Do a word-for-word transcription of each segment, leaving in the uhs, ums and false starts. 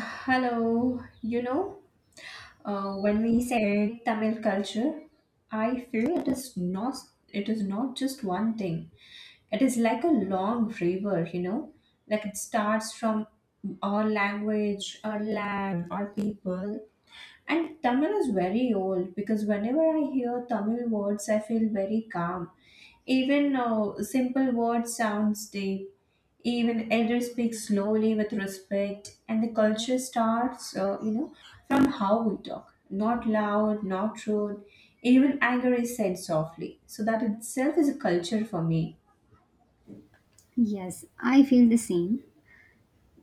Hello, you know, uh, when we say Tamil culture, I feel it is not it is not just one thing. It is like a long river, you know, like it starts from our language, our land, our people, and Tamil is very old because whenever I hear Tamil words, I feel very calm. Even uh, simple words sounds deep. Even elders speak slowly with respect, and the culture starts, uh, you know, from how we talk. Not loud, not rude. Even anger is said softly. So that itself is a culture for me. Yes, I feel the same.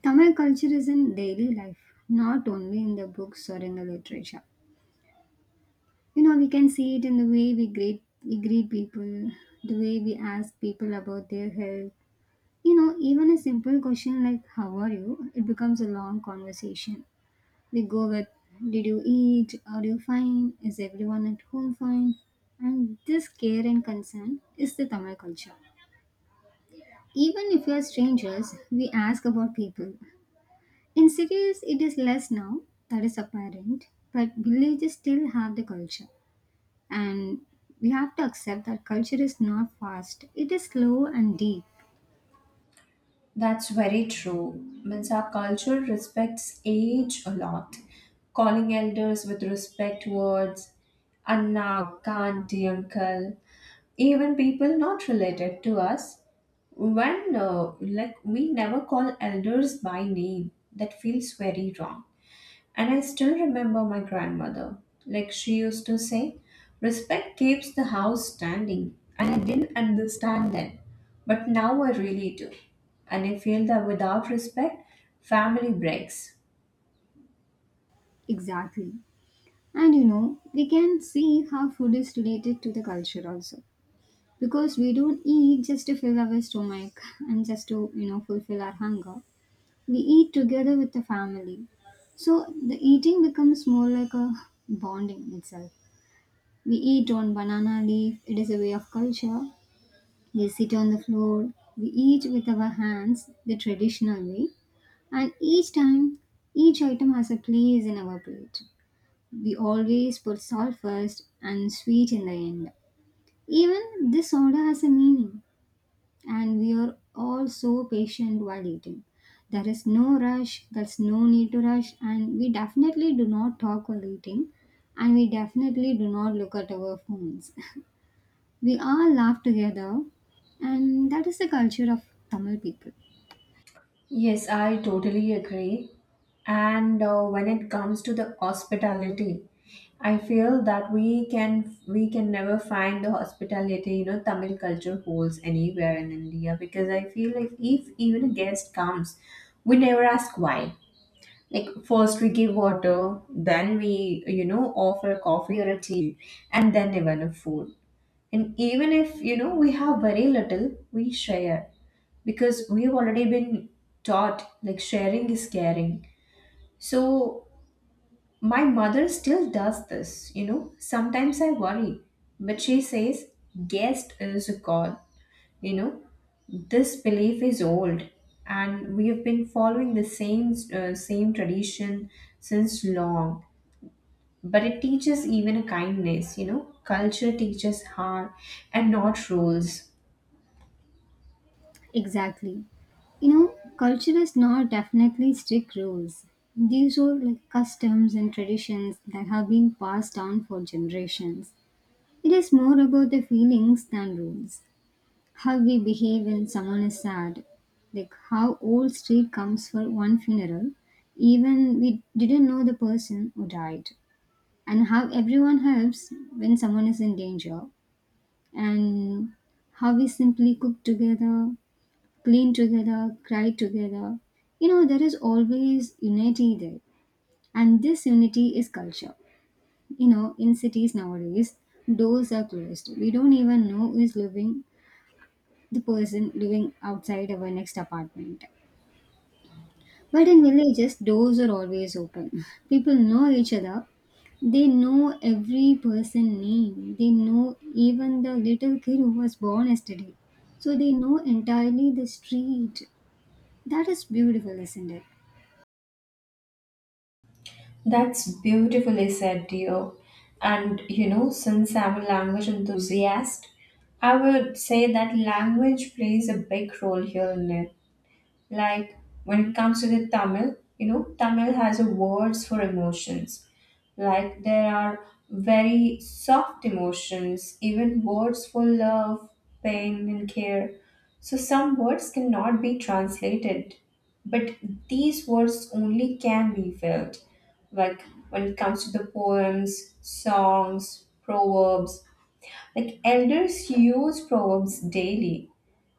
Tamil culture is in daily life, not only in the books or in the literature. You know, we can see it in the way we greet we greet people, the way we ask people about their health. You know, even a simple question like "How are you?" it becomes a long conversation. We go with "Did you eat? Are you fine? Is everyone at home fine?" And this care and concern is the Tamil culture. Even if we are strangers, we ask about people. In cities, it is less now, that is apparent, but villages still have the culture. And we have to accept that culture is not fast, it is slow and deep. That's very true. Means our culture respects age a lot, calling elders with respect words, Anna, auntie, uncle, even people not related to us. When uh, like we never call elders by name, that feels very wrong. And I still remember my grandmother. Like she used to say, respect keeps the house standing. And I didn't understand then. But now I really do. And I feel that without respect, family breaks. Exactly. And you know, we can see how food is related to the culture also. Because we don't eat just to fill our stomach and just to, you know, fulfill our hunger. We eat together with the family. So the eating becomes more like a bonding itself. We eat on banana leaf, it is a way of culture. They sit on the floor, we eat with our hands, the traditional way, and each time each item has a place in our plate. We always put salt first and sweet in the end. Even this order has a meaning, and we are all so patient while eating. There is no rush, there's no need to rush, and we definitely do not talk while eating, and we definitely do not look at our phones. We all laugh together, and that is the culture of Tamil people. Yes, I totally agree. And uh, when it comes to the hospitality, I feel that we can we can never find the hospitality you know Tamil culture holds anywhere in India because I feel like if even a guest comes, we never ask why. Like first we give water, then we you know offer a coffee or a tea, and then even a food. And even if you know we have very little, we share because we've already been taught like sharing is caring. So my mother still does this, you know. Sometimes I worry, but she says guest is a call, you know. This belief is old and we have been following the same uh, same tradition since long, but it teaches even a kindness, you know culture teaches heart and not rules. Exactly. You know, culture is not definitely strict rules. These are like customs and traditions that have been passed down for generations. It is more about the feelings than rules. How we behave when someone is sad, like how old street comes for one funeral, even we didn't know the person who died, and how everyone helps when someone is in danger, and how we simply cook together, clean together, cry together. You know, there is always unity there, and this unity is culture. You know, in cities nowadays, doors are closed. We don't even know who is living, the person living outside our next apartment. But in villages, doors are always open. People know each other. They know every person name. They know even the little kid who was born yesterday. So they know entirely the street. That is beautiful, isn't it? That's beautifully said, dear. And you know, since I'm a language enthusiast, I would say that language plays a big role here in it. Like when it comes to the Tamil, you know, Tamil has a words for emotions. Like there are very soft emotions, even words for love, pain, and care. So some words cannot be translated, but these words only can be felt. Like when it comes to the poems, songs, proverbs, like elders use proverbs daily,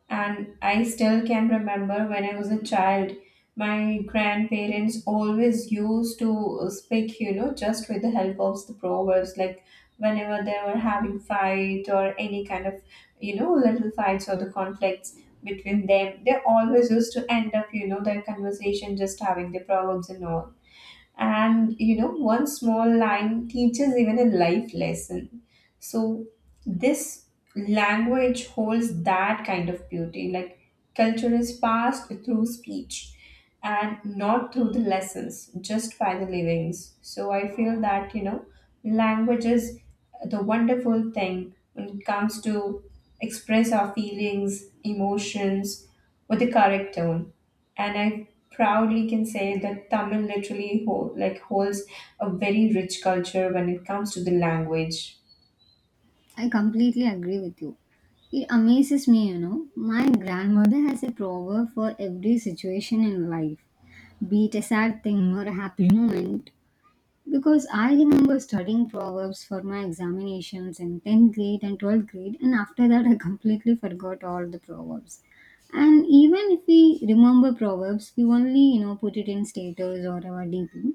and I still can remember when I was a child, my grandparents always used to speak, you know, just with the help of the proverbs. Like whenever they were having fight or any kind of, you know, little fights or the conflicts between them, they always used to end up, you know, their conversation just having the proverbs and all. And you know, one small line teaches even a life lesson. So this language holds that kind of beauty. Like culture is passed through speech and not through the lessons, just by the livings. So I feel that, you know, language is the wonderful thing when it comes to express our feelings, emotions with the correct tone. And I proudly can say that Tamil literally hold, like holds a very rich culture when it comes to the language. I completely agree with you. It amazes me, you know. My grandmother has a proverb for every situation in life, be it a sad thing or a happy moment. Because I remember studying proverbs for my examinations in tenth grade and twelfth grade, and after that, I completely forgot all the proverbs. And even if we remember proverbs, we only, you know, put it in status or our D P,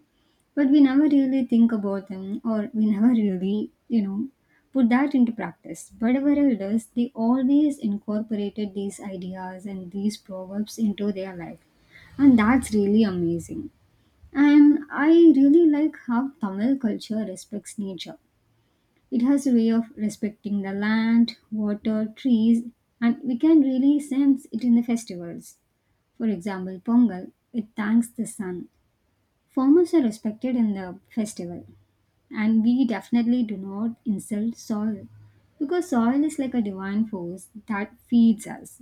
but we never really think about them or we never really, you know, put that into practice. But our elders, they always incorporated these ideas and these proverbs into their life, and that's really amazing. And I really like how Tamil culture respects nature. It has a way of respecting the land, water, trees, and we can really sense it in the festivals. For example, Pongal, it thanks the sun. Farmers are respected in the festival, and we definitely do not insult soil because soil is like a divine force that feeds us.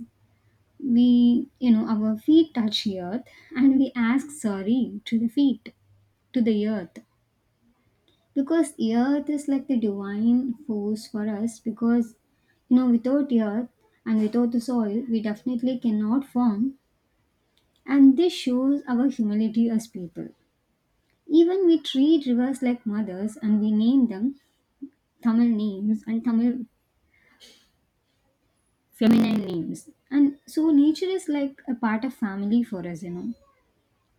We, you know, our feet touch the earth and we ask sorry to the feet, to the earth. Because earth is like the divine force for us, because you know, without earth and without the soil we definitely cannot form, and this shows our humility as people. Even we treat rivers like mothers, and we name them Tamil names and Tamil feminine names. And so nature is like a part of family for us, you know,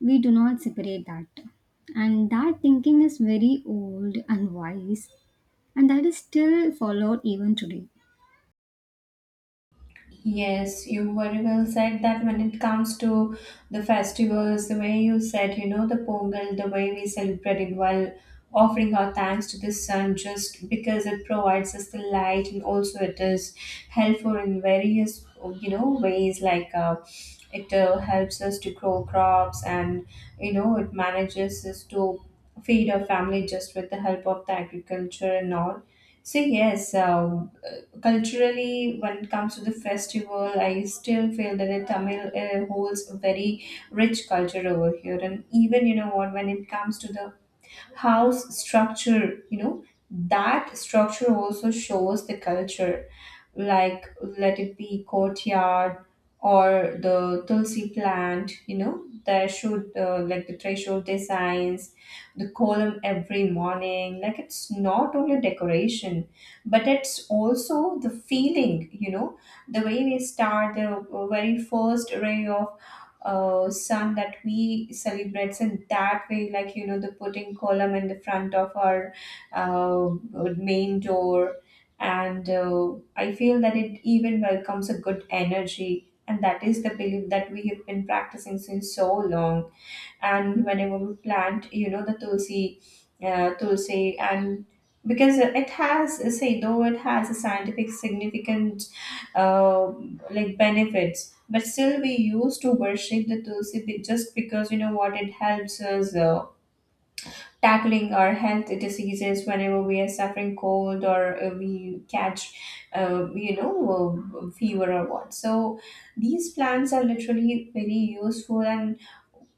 we do not separate that. And that thinking is very old and wise, and that is still followed even today. Yes, you very well said that when it comes to the festivals, the way you said, you know, the Pongal, the way we celebrate it while offering our thanks to the sun just because it provides us the light and also it is helpful in various, you know, ways like uh, it uh, helps us to grow crops and, you know, it manages us to feed our family just with the help of the agriculture and all. So yes, um, uh, culturally, when it comes to the festival, I still feel that the Tamil uh, holds a very rich culture over here, and even you know what, when it comes to the house structure, you know that structure also shows the culture. Like let it be courtyard or the tulsi plant, you know there should uh, like the threshold designs, the column every morning, like it's not only decoration but it's also the feeling, you know, the way we start the very first ray of uh, sun that we celebrates in that way, like you know the putting column in the front of our uh, main door. And uh, I feel that it even welcomes a good energy, and that is the belief that we have been practicing since so long. And whenever we plant you know the tulsi, uh, tulsi and because it has uh, say though it has a scientific significant uh, like benefits, but still we used to worship the tulsi be- just because you know what it helps us uh, tackling our health diseases whenever we are suffering cold or uh, we catch uh, you know uh, fever or what. So these plants are literally very useful, and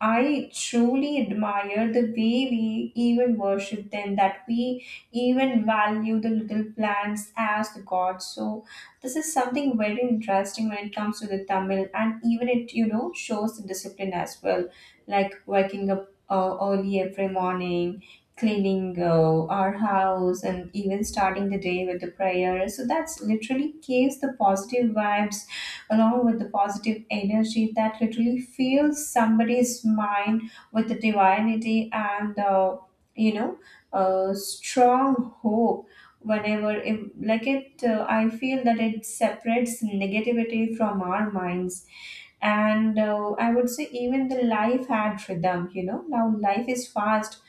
I truly admire the way we even worship them, that we even value the little plants as the gods. So this is something very interesting when it comes to the Tamil, and even it you know shows the discipline as well, like waking up uh, early every morning, cleaning uh, our house and even starting the day with the prayer, so that's literally gives the positive vibes along with the positive energy that literally fills somebody's mind with the divinity, and uh, you know uh, strong hope. Whenever it, like it uh, I feel that it separates negativity from our minds. And uh, I would say even the life had rhythm, you know now life is fast,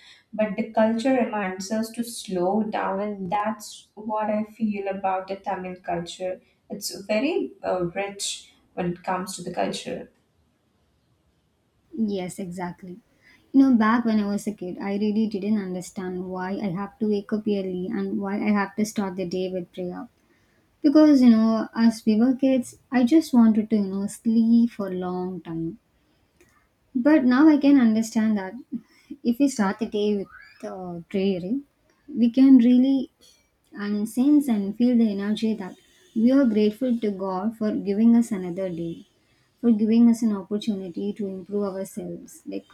but the culture reminds us to slow down, and that's what I feel about the Tamil culture. It's very uh, rich when it comes to the culture. Yes, exactly. You know, back when I was a kid, I really didn't understand why I have to wake up early and why I have to start the day with prayer. Because, you know, as we were kids, I just wanted to, you know, sleep for a long time. But now I can understand that if we start the day with uh, prayer, eh, we can really and sense and feel the energy that we are grateful to God for giving us another day, for giving us an opportunity to improve ourselves. Like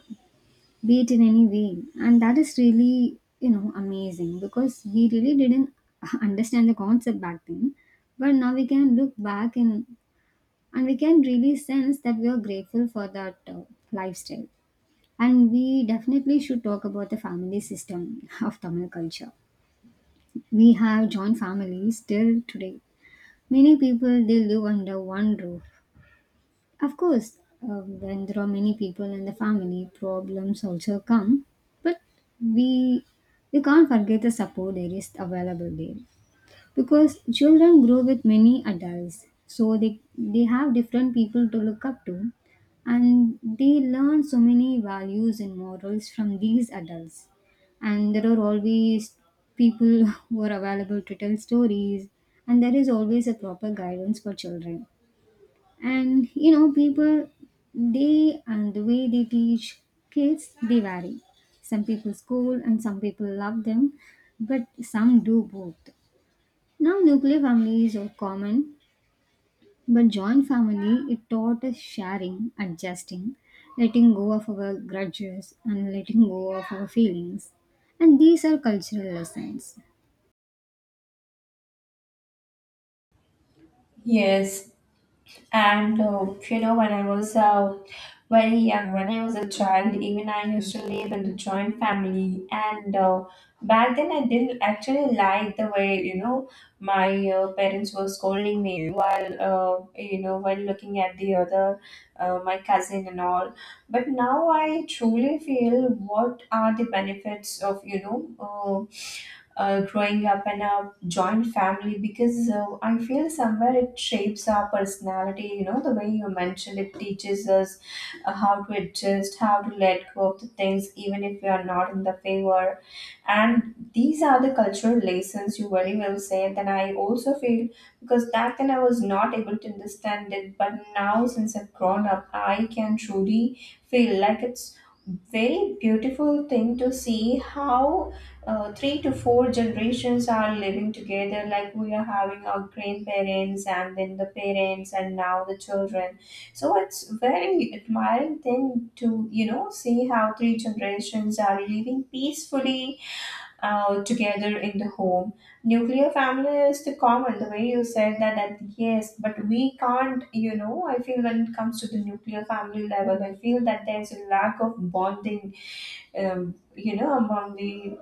be it in any way, and that is really, you know, amazing, because we really didn't understand the concept back then, but now we can look back and and we can really sense that we are grateful for that uh, lifestyle. And we definitely should talk about the family system of Tamil culture. We have joint families till today, many people they live under one roof. Of course, uh, when there are many people in the family, problems also come. But we we can't forget the support that is available there, because children grow with many adults, so they they have different people to look up to, and they learn so many values and morals from these adults. And there are always people who are available to tell stories, and there is always a proper guidance for children. And you know, people, they and the way they teach kids, they vary. Some people scold and some people love them, but some do both. Now nuclear families are common, but joint family, it taught us sharing, adjusting, letting go of our grudges and letting go of our feelings. And these are cultural lessons. Yes. And uh, you know, when I was uh, very young, when I was a child, even I used to live in the joint family. And uh, back then, I didn't actually like the way you know my uh, parents were scolding me while uh, you know while looking at the other uh, my cousin and all. But now I truly feel what are the benefits of, you know, uh, uh, growing up in a joint family because uh, I feel somewhere it shapes our personality. You know, the way you mentioned it teaches us uh, how to adjust, how to let go of the things, even if we are not in the favor, and these are the cultural lessons you very well say. And then I also feel because back then I was not able to understand it, but now since I've grown up I can truly feel like it's very beautiful thing to see how uh, three to four generations are living together, like we are having our grandparents and then the parents and now the children. So it's very admiring thing to you know see how three generations are living peacefully uh, together in the home. Nuclear family is the common, the way you said that, that yes, but we can't, you know, I feel when it comes to the nuclear family level, I feel that there's a lack of bonding, um, you know, among the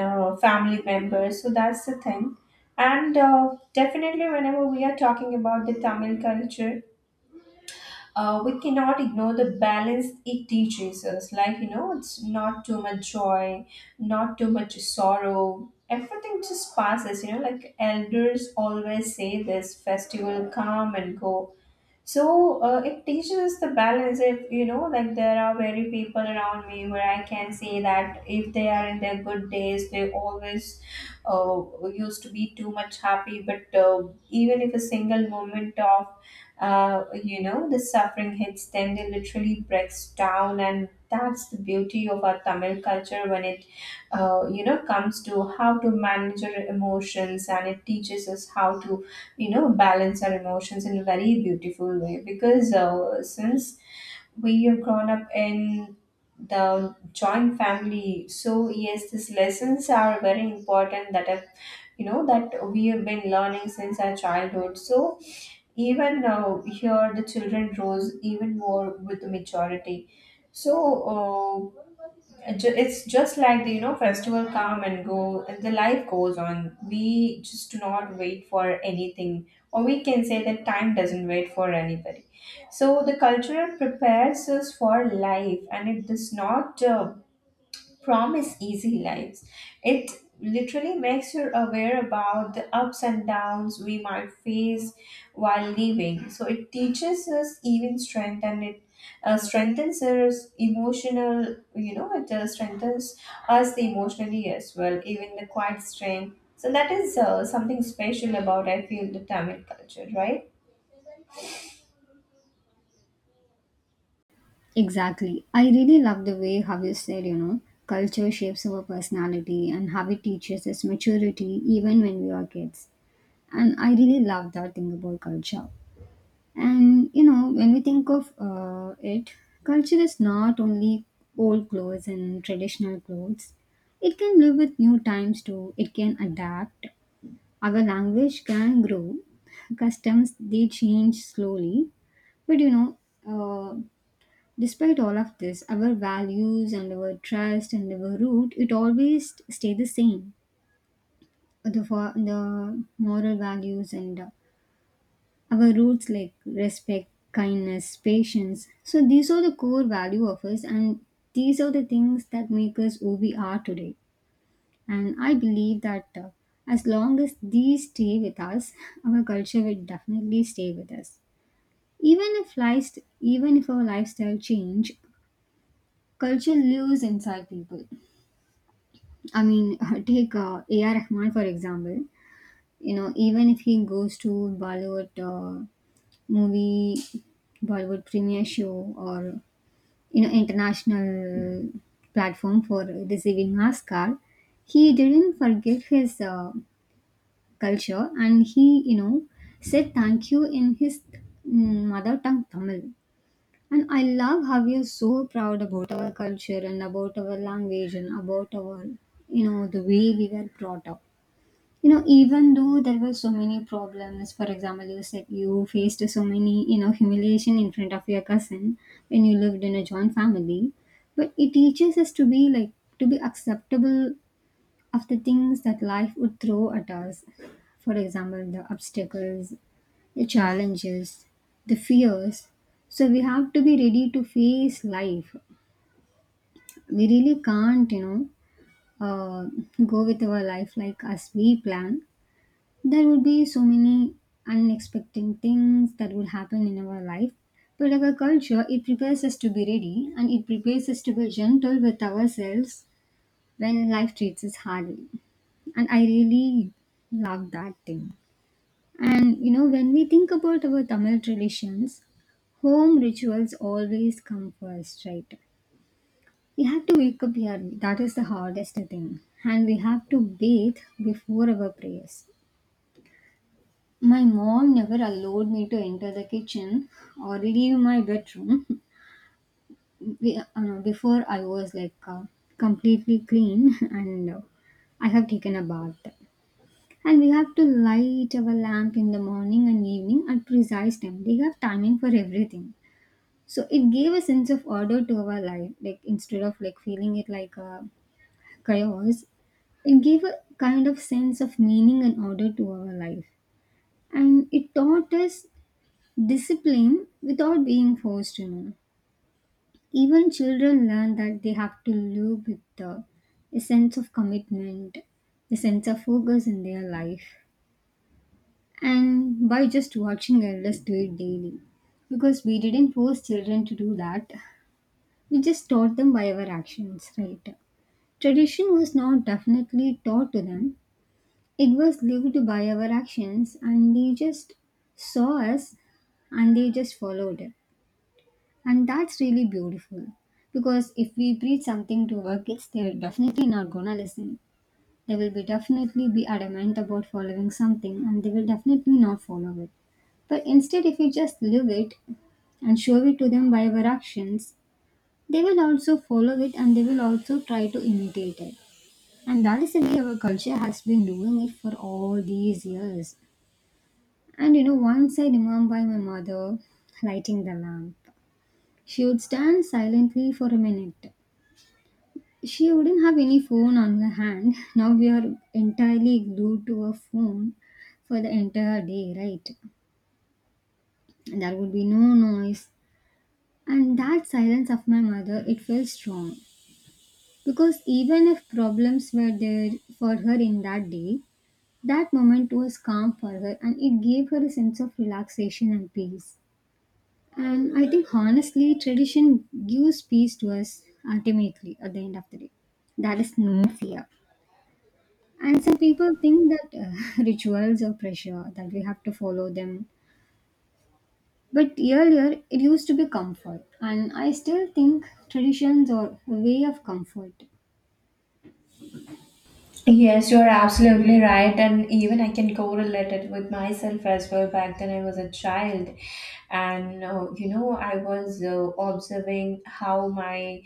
uh, family members. So that's the thing. And uh, definitely, whenever we are talking about the Tamil culture, uh, we cannot ignore the balance it teaches us. Like, you know, it's not too much joy, not too much sorrow. Everything just passes, you know, like elders always say this festival come and go, so uh, it teaches us the balance. If you know like there are very people around me where I can say that if they are in their good days they always uh, used to be too much happy, but uh, even if a single moment of uh, you know the suffering hits them they literally breaks down, and that's the beauty of our Tamil culture when it uh, you know comes to how to manage your emotions, and it teaches us how to you know balance our emotions in a very beautiful way, because uh, since we have grown up in the joint family, so yes these lessons are very important that have you know that we have been learning since our childhood. So even uh, here the children grows even more with maturity. So uh, ju- it's just like the you know festival come and go, and the life goes on. We just do not wait for anything, or we can say that time doesn't wait for anybody. So the culture prepares us for life, and it does not uh, promise easy lives. It literally makes you aware about the ups and downs we might face while living. So it teaches us even strength, and it uh, strengthens us emotional, you know, it uh, strengthens us the emotionally as well, even the quiet strength. So that is uh, something special about, I feel, the Tamil culture, right? Exactly. I really love the way how you said, you know, culture shapes our personality and how it teaches us maturity even when we are kids. And I really love that thing about culture. And, you know, when we think of uh, it, culture is not only old clothes and traditional clothes, it can live with new times too, it can adapt. Our language can grow, customs they change slowly, but you know, uh, despite all of this, our values and our trust and our root, it always stay the same. The, for, the moral values and uh, our roots like respect, kindness, patience. So these are the core value of us, and these are the things that make us who we are today. And I believe that, uh, as long as these stay with us, our culture will definitely stay with us. Even if life, even if our lifestyle change, culture lives inside people, I mean, take uh, A R. Rahman for example. You know, even if he goes to Bollywood uh, movie, Bollywood premiere show, or you know, international platform for receiving Oscar, he didn't forget his uh, culture, and he, you know, said thank you in his mm, mother tongue Tamil. And I love how we are so proud about our culture and about our language and about our, you know, the way we were brought up. You know, even though there were so many problems, for example you said you faced so many, you know, humiliation in front of your cousin when you lived in a joint family. But it teaches us to be like to be acceptable of the things that life would throw at us, for example the obstacles, the challenges, the fears. So we have to be ready to face life. We really can't, you know, uh, go with our life like as we plan. There would be so many unexpected things that would happen in our life. But our culture, it prepares us to be ready and it prepares us to be gentle with ourselves when life treats us hardly. And I really love that thing. And you know, when we think about our Tamil traditions, home rituals always come first, right? We have to wake up early, that is the hardest thing. And we have to bathe before our prayers. My mom never allowed me to enter the kitchen or leave my bedroom be- uh, before I was like uh, completely clean and uh, I have taken a bath. And we have to light our lamp in the morning and evening at precise time. They have timing for everything. So it gave a sense of order to our life. Like, instead of like feeling it like a chaos, it gave a kind of sense of meaning and order to our life, and it taught us discipline without being forced, you know. Even children learn that they have to live with uh, a sense of commitment, a sense of focus in their life, and by just watching elders do it daily. Because we didn't force children to do that, we just taught them by our actions, right? Tradition was not definitely taught to them, it was lived by our actions, and they just saw us and they just followed. And that's really beautiful because if we preach something to our kids, they are definitely not gonna listen. They will be definitely be adamant about following something and they will definitely not follow it. But instead, if you just live it and show it to them by our actions, they will also follow it and they will also try to imitate it. And that is the way our culture has been doing it for all these years. And you know, once I remember my mother lighting the lamp. She would stand silently for a minute. She wouldn't have any phone on her hand. Now we are entirely glued to a phone for the entire day, right? There would be no noise. And that silence of my mother, it felt strong. Because even if problems were there for her in that day, that moment was calm for her and it gave her a sense of relaxation and peace. And I think honestly, tradition gives peace to us ultimately at the end of the day. That is no fear. And some people think that uh, rituals are pressure, that we have to follow them. But earlier, it used to be comfort. And I still think traditions are a way of comfort. Yes, you're absolutely right. And even I can correlate it with myself as well. Back then, I was a child, and uh, you know, I was uh, observing how my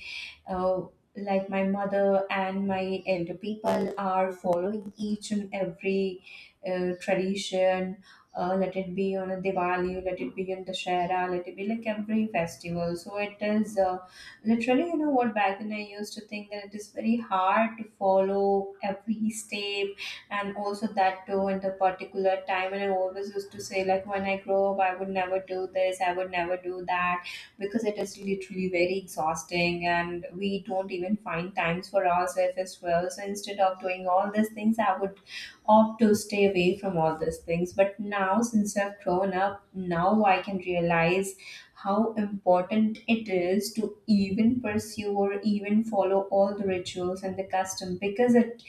uh, like my mother and my elder people are following each and every uh, tradition, uh, let it be on a Diwali, let it be on Dashera, let it be like every festival. So it is uh, literally, you know what, back then I used to think that it is very hard to follow every step, and also that too in the particular time. And I always used to say, like, when I grow up, I would never do this, I would never do that, because it is literally very exhausting and we don't even find times for ourselves as well. So instead of doing all these things, I would opt to stay away from all these things. But now, since I've grown up, now I can realize how important it is to even pursue or even follow all the rituals and the custom, because it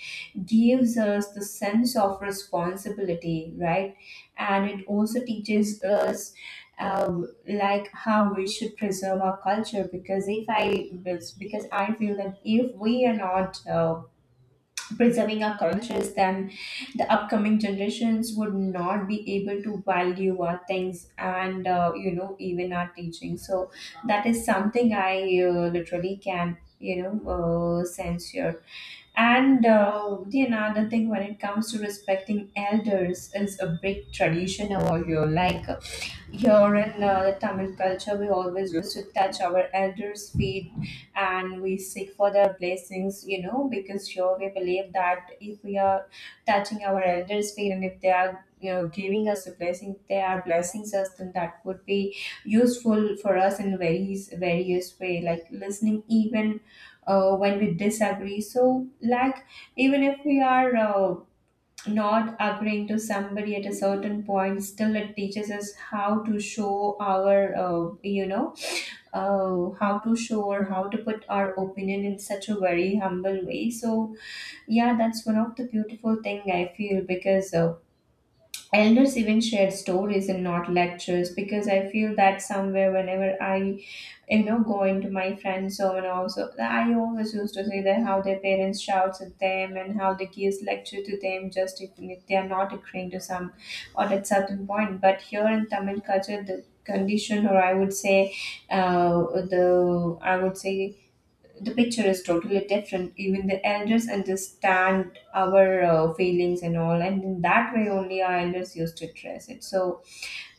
gives us the sense of responsibility, right? And it also teaches us um, like how we should preserve our culture, because if I because I feel that if we are not uh, preserving our cultures, then the upcoming generations would not be able to value our things and, uh, you know even our teaching. So that is something I uh, literally can, you know uh, sense here. And uh, the another thing, when it comes to respecting elders, is a big tradition over here. Like, here in uh, the Tamil culture, we always used to touch our elders' feet and we seek for their blessings, you know, because here we believe that if we are touching our elders' feet and if they are, you know, giving us a blessing, they are blessing us, then that would be useful for us in various various way, like listening even uh, when we disagree. So, like, even if we are uh, not agreeing to somebody at a certain point, still it teaches us how to show our, uh, you know uh, how to show or how to put our opinion in such a very humble way. So yeah, that's one of the beautiful thing I feel, because uh, elders even shared stories and not lectures. Because I feel that somewhere, whenever I, you know, go into my friend's home, and also I always used to say that how their parents shouts at them and how they gives lecture to them just if, if they are not agreeing to some or at certain point. But here in Tamil culture, the condition, or I would say, uh, the I would say the picture is totally different. Even the elders understand our uh, feelings and all, and in that way only our elders used to dress it. So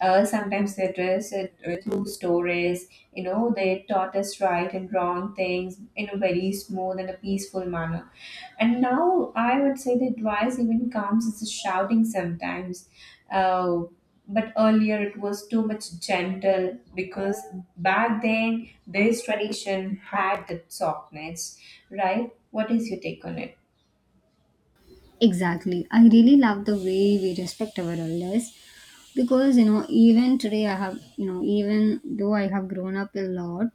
uh, sometimes they dress it uh, through stories. You know, they taught us right and wrong things in a very smooth and a peaceful manner. And now I would say the advice even comes as a shouting sometimes. Uh, but earlier it was too much gentle, because back then this tradition had that softness, right? What is your take on it? Exactly. I really love the way we respect our elders because, you know, even today, I have, you know, even though I have grown up a lot,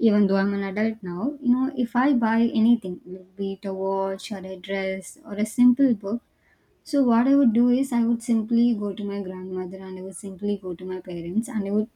even though I'm an adult now, you know, if I buy anything, like be it a watch or a dress or a simple book, so what I would do is I would simply go to my grandmother and I would simply go to my parents and I would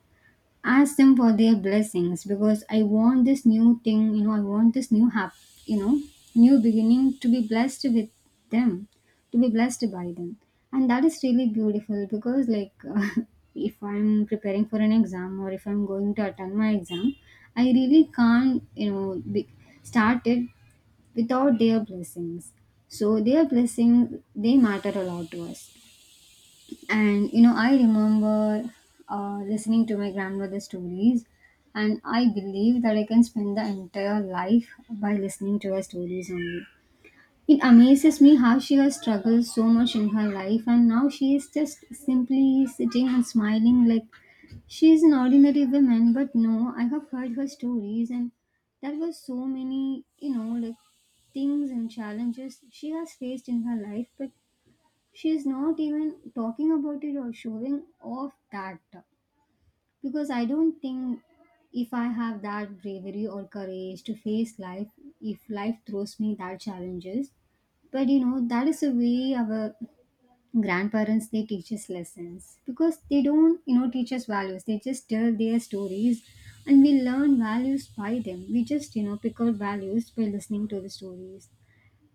ask them for their blessings because I want this new thing, you know, I want this new hap, you know, new beginning to be blessed with them, to be blessed by them. And that is really beautiful because like uh, if I'm preparing for an exam or if I'm going to attend my exam, I really can't, you know, be, start it without their blessings. So their blessing, they matter a lot to us. And you know, I remember uh, listening to my grandmother's stories, and I believe that I can spend the entire life by listening to her stories only. It amazes me how she has struggled so much in her life and now she is just simply sitting and smiling, like she is an ordinary woman, but no, I have heard her stories, and there were so many, you know, like things and challenges she has faced in her life, but she is not even talking about it or showing off that. Because I don't think if I have that bravery or courage to face life, if life throws me that challenges, but you know that is the way our grandparents, they teach us lessons because they don't, you know, teach us values, they just tell their stories, and we learn values by them. We just, you know, pick out values by listening to the stories.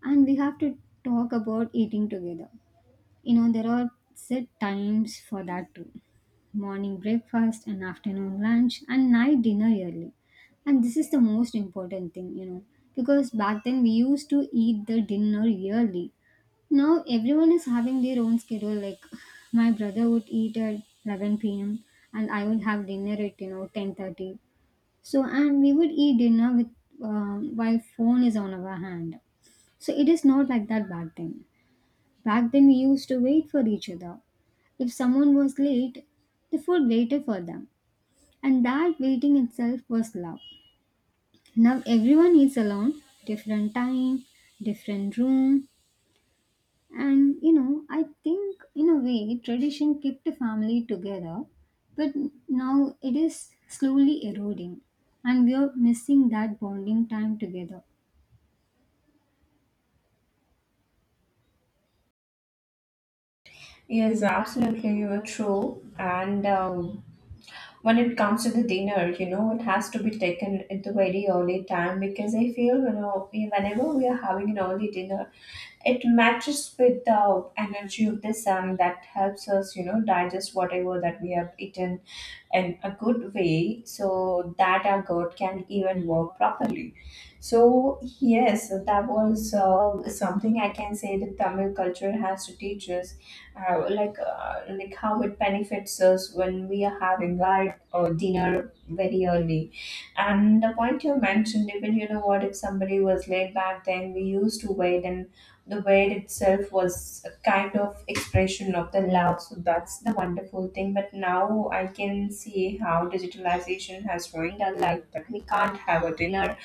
And we have to talk about eating together. You know, there are set times for that too, morning breakfast and afternoon lunch and night dinner early. And this is the most important thing, you know, because back then we used to eat the dinner yearly. Now everyone is having their own schedule. Like my brother would eat at eleven p m and I would have dinner at, you know, ten thirty. So and we would eat dinner with um, while phone is on our hand. So it is not like that back then. Back then we used to wait for each other. If someone was late, the food waited for them. And that waiting itself was love. Now everyone eats alone, different time, different room. And you know, I think in a way, tradition kept the family together, but now it is slowly eroding, and we are missing that bonding time together. Yes, absolutely, you are true. And um, when it comes to the dinner, you know, it has to be taken at the very early time, because I feel, you know, whenever we are having an early dinner, it matches with the energy of the sun that helps us, you know, digest whatever that we have eaten in a good way, so that our gut can even work properly. So yes, that was uh, something I can say that Tamil culture has to teach us, uh, like uh, like how it benefits us when we are having our uh, dinner very early. And the point you mentioned, even, you know what, if somebody was late, back then we used to wait, and the word itself was a kind of expression of the love. So that's the wonderful thing, but now I can see how digitalization has ruined our life, but we can't have a dinner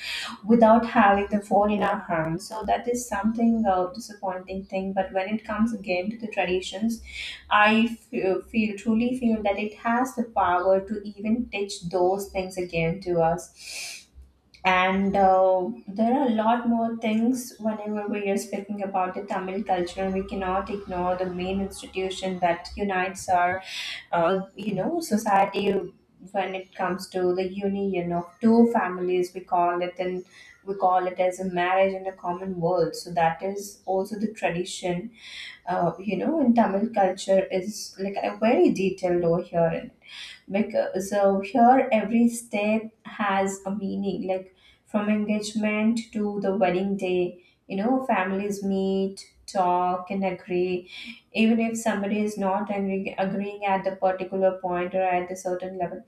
without having the phone in our hand. So that is something uh, disappointing thing, but when it comes again to the traditions, I feel, feel truly feel that it has the power to even teach those things again to us. And uh, there are a lot more things. Whenever we are speaking about the Tamil culture, we cannot ignore the main institution that unites our, uh, you know, society. When it comes to the union of two families, we call it, and we call it as a marriage and a common world. So that is also the tradition. Uh, you know, in Tamil culture, is like uh, very detailed over here, because so here every step has a meaning. Like, from engagement to the wedding day, you know, families meet, talk and agree. Even if somebody is not agreeing, agreeing at the particular point or at the certain level,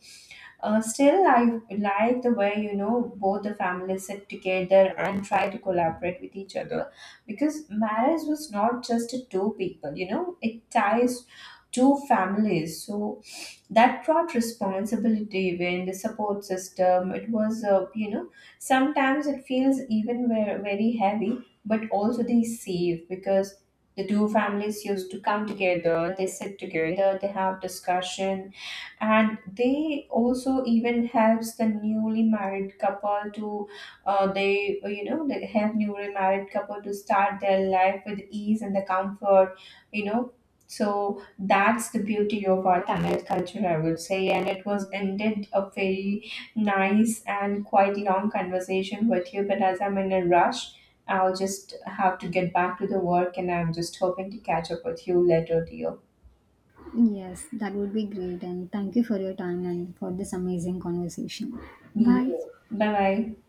uh, still I like the way, you know, both the families sit together and try to collaborate with each other, because marriage was not just two people, you know, it ties two families. So that brought responsibility. When the support system, it was, uh, you know sometimes it feels even ver- very heavy, but also they save, because the two families used to come together, they sit together, they have discussion, and they also even helps the newly married couple to uh, they uh, you know they help newly married couple to start their life with ease and the comfort, you know. So that's the beauty of our Tamil culture, I would say. And it was ended a very nice and quite long conversation with you, but as I'm in a rush, I'll just have to get back to the work, and I'm just hoping to catch up with you later, dear. Yes, that would be great. And thank you for your time and for this amazing conversation. Yeah. Bye. Bye bye.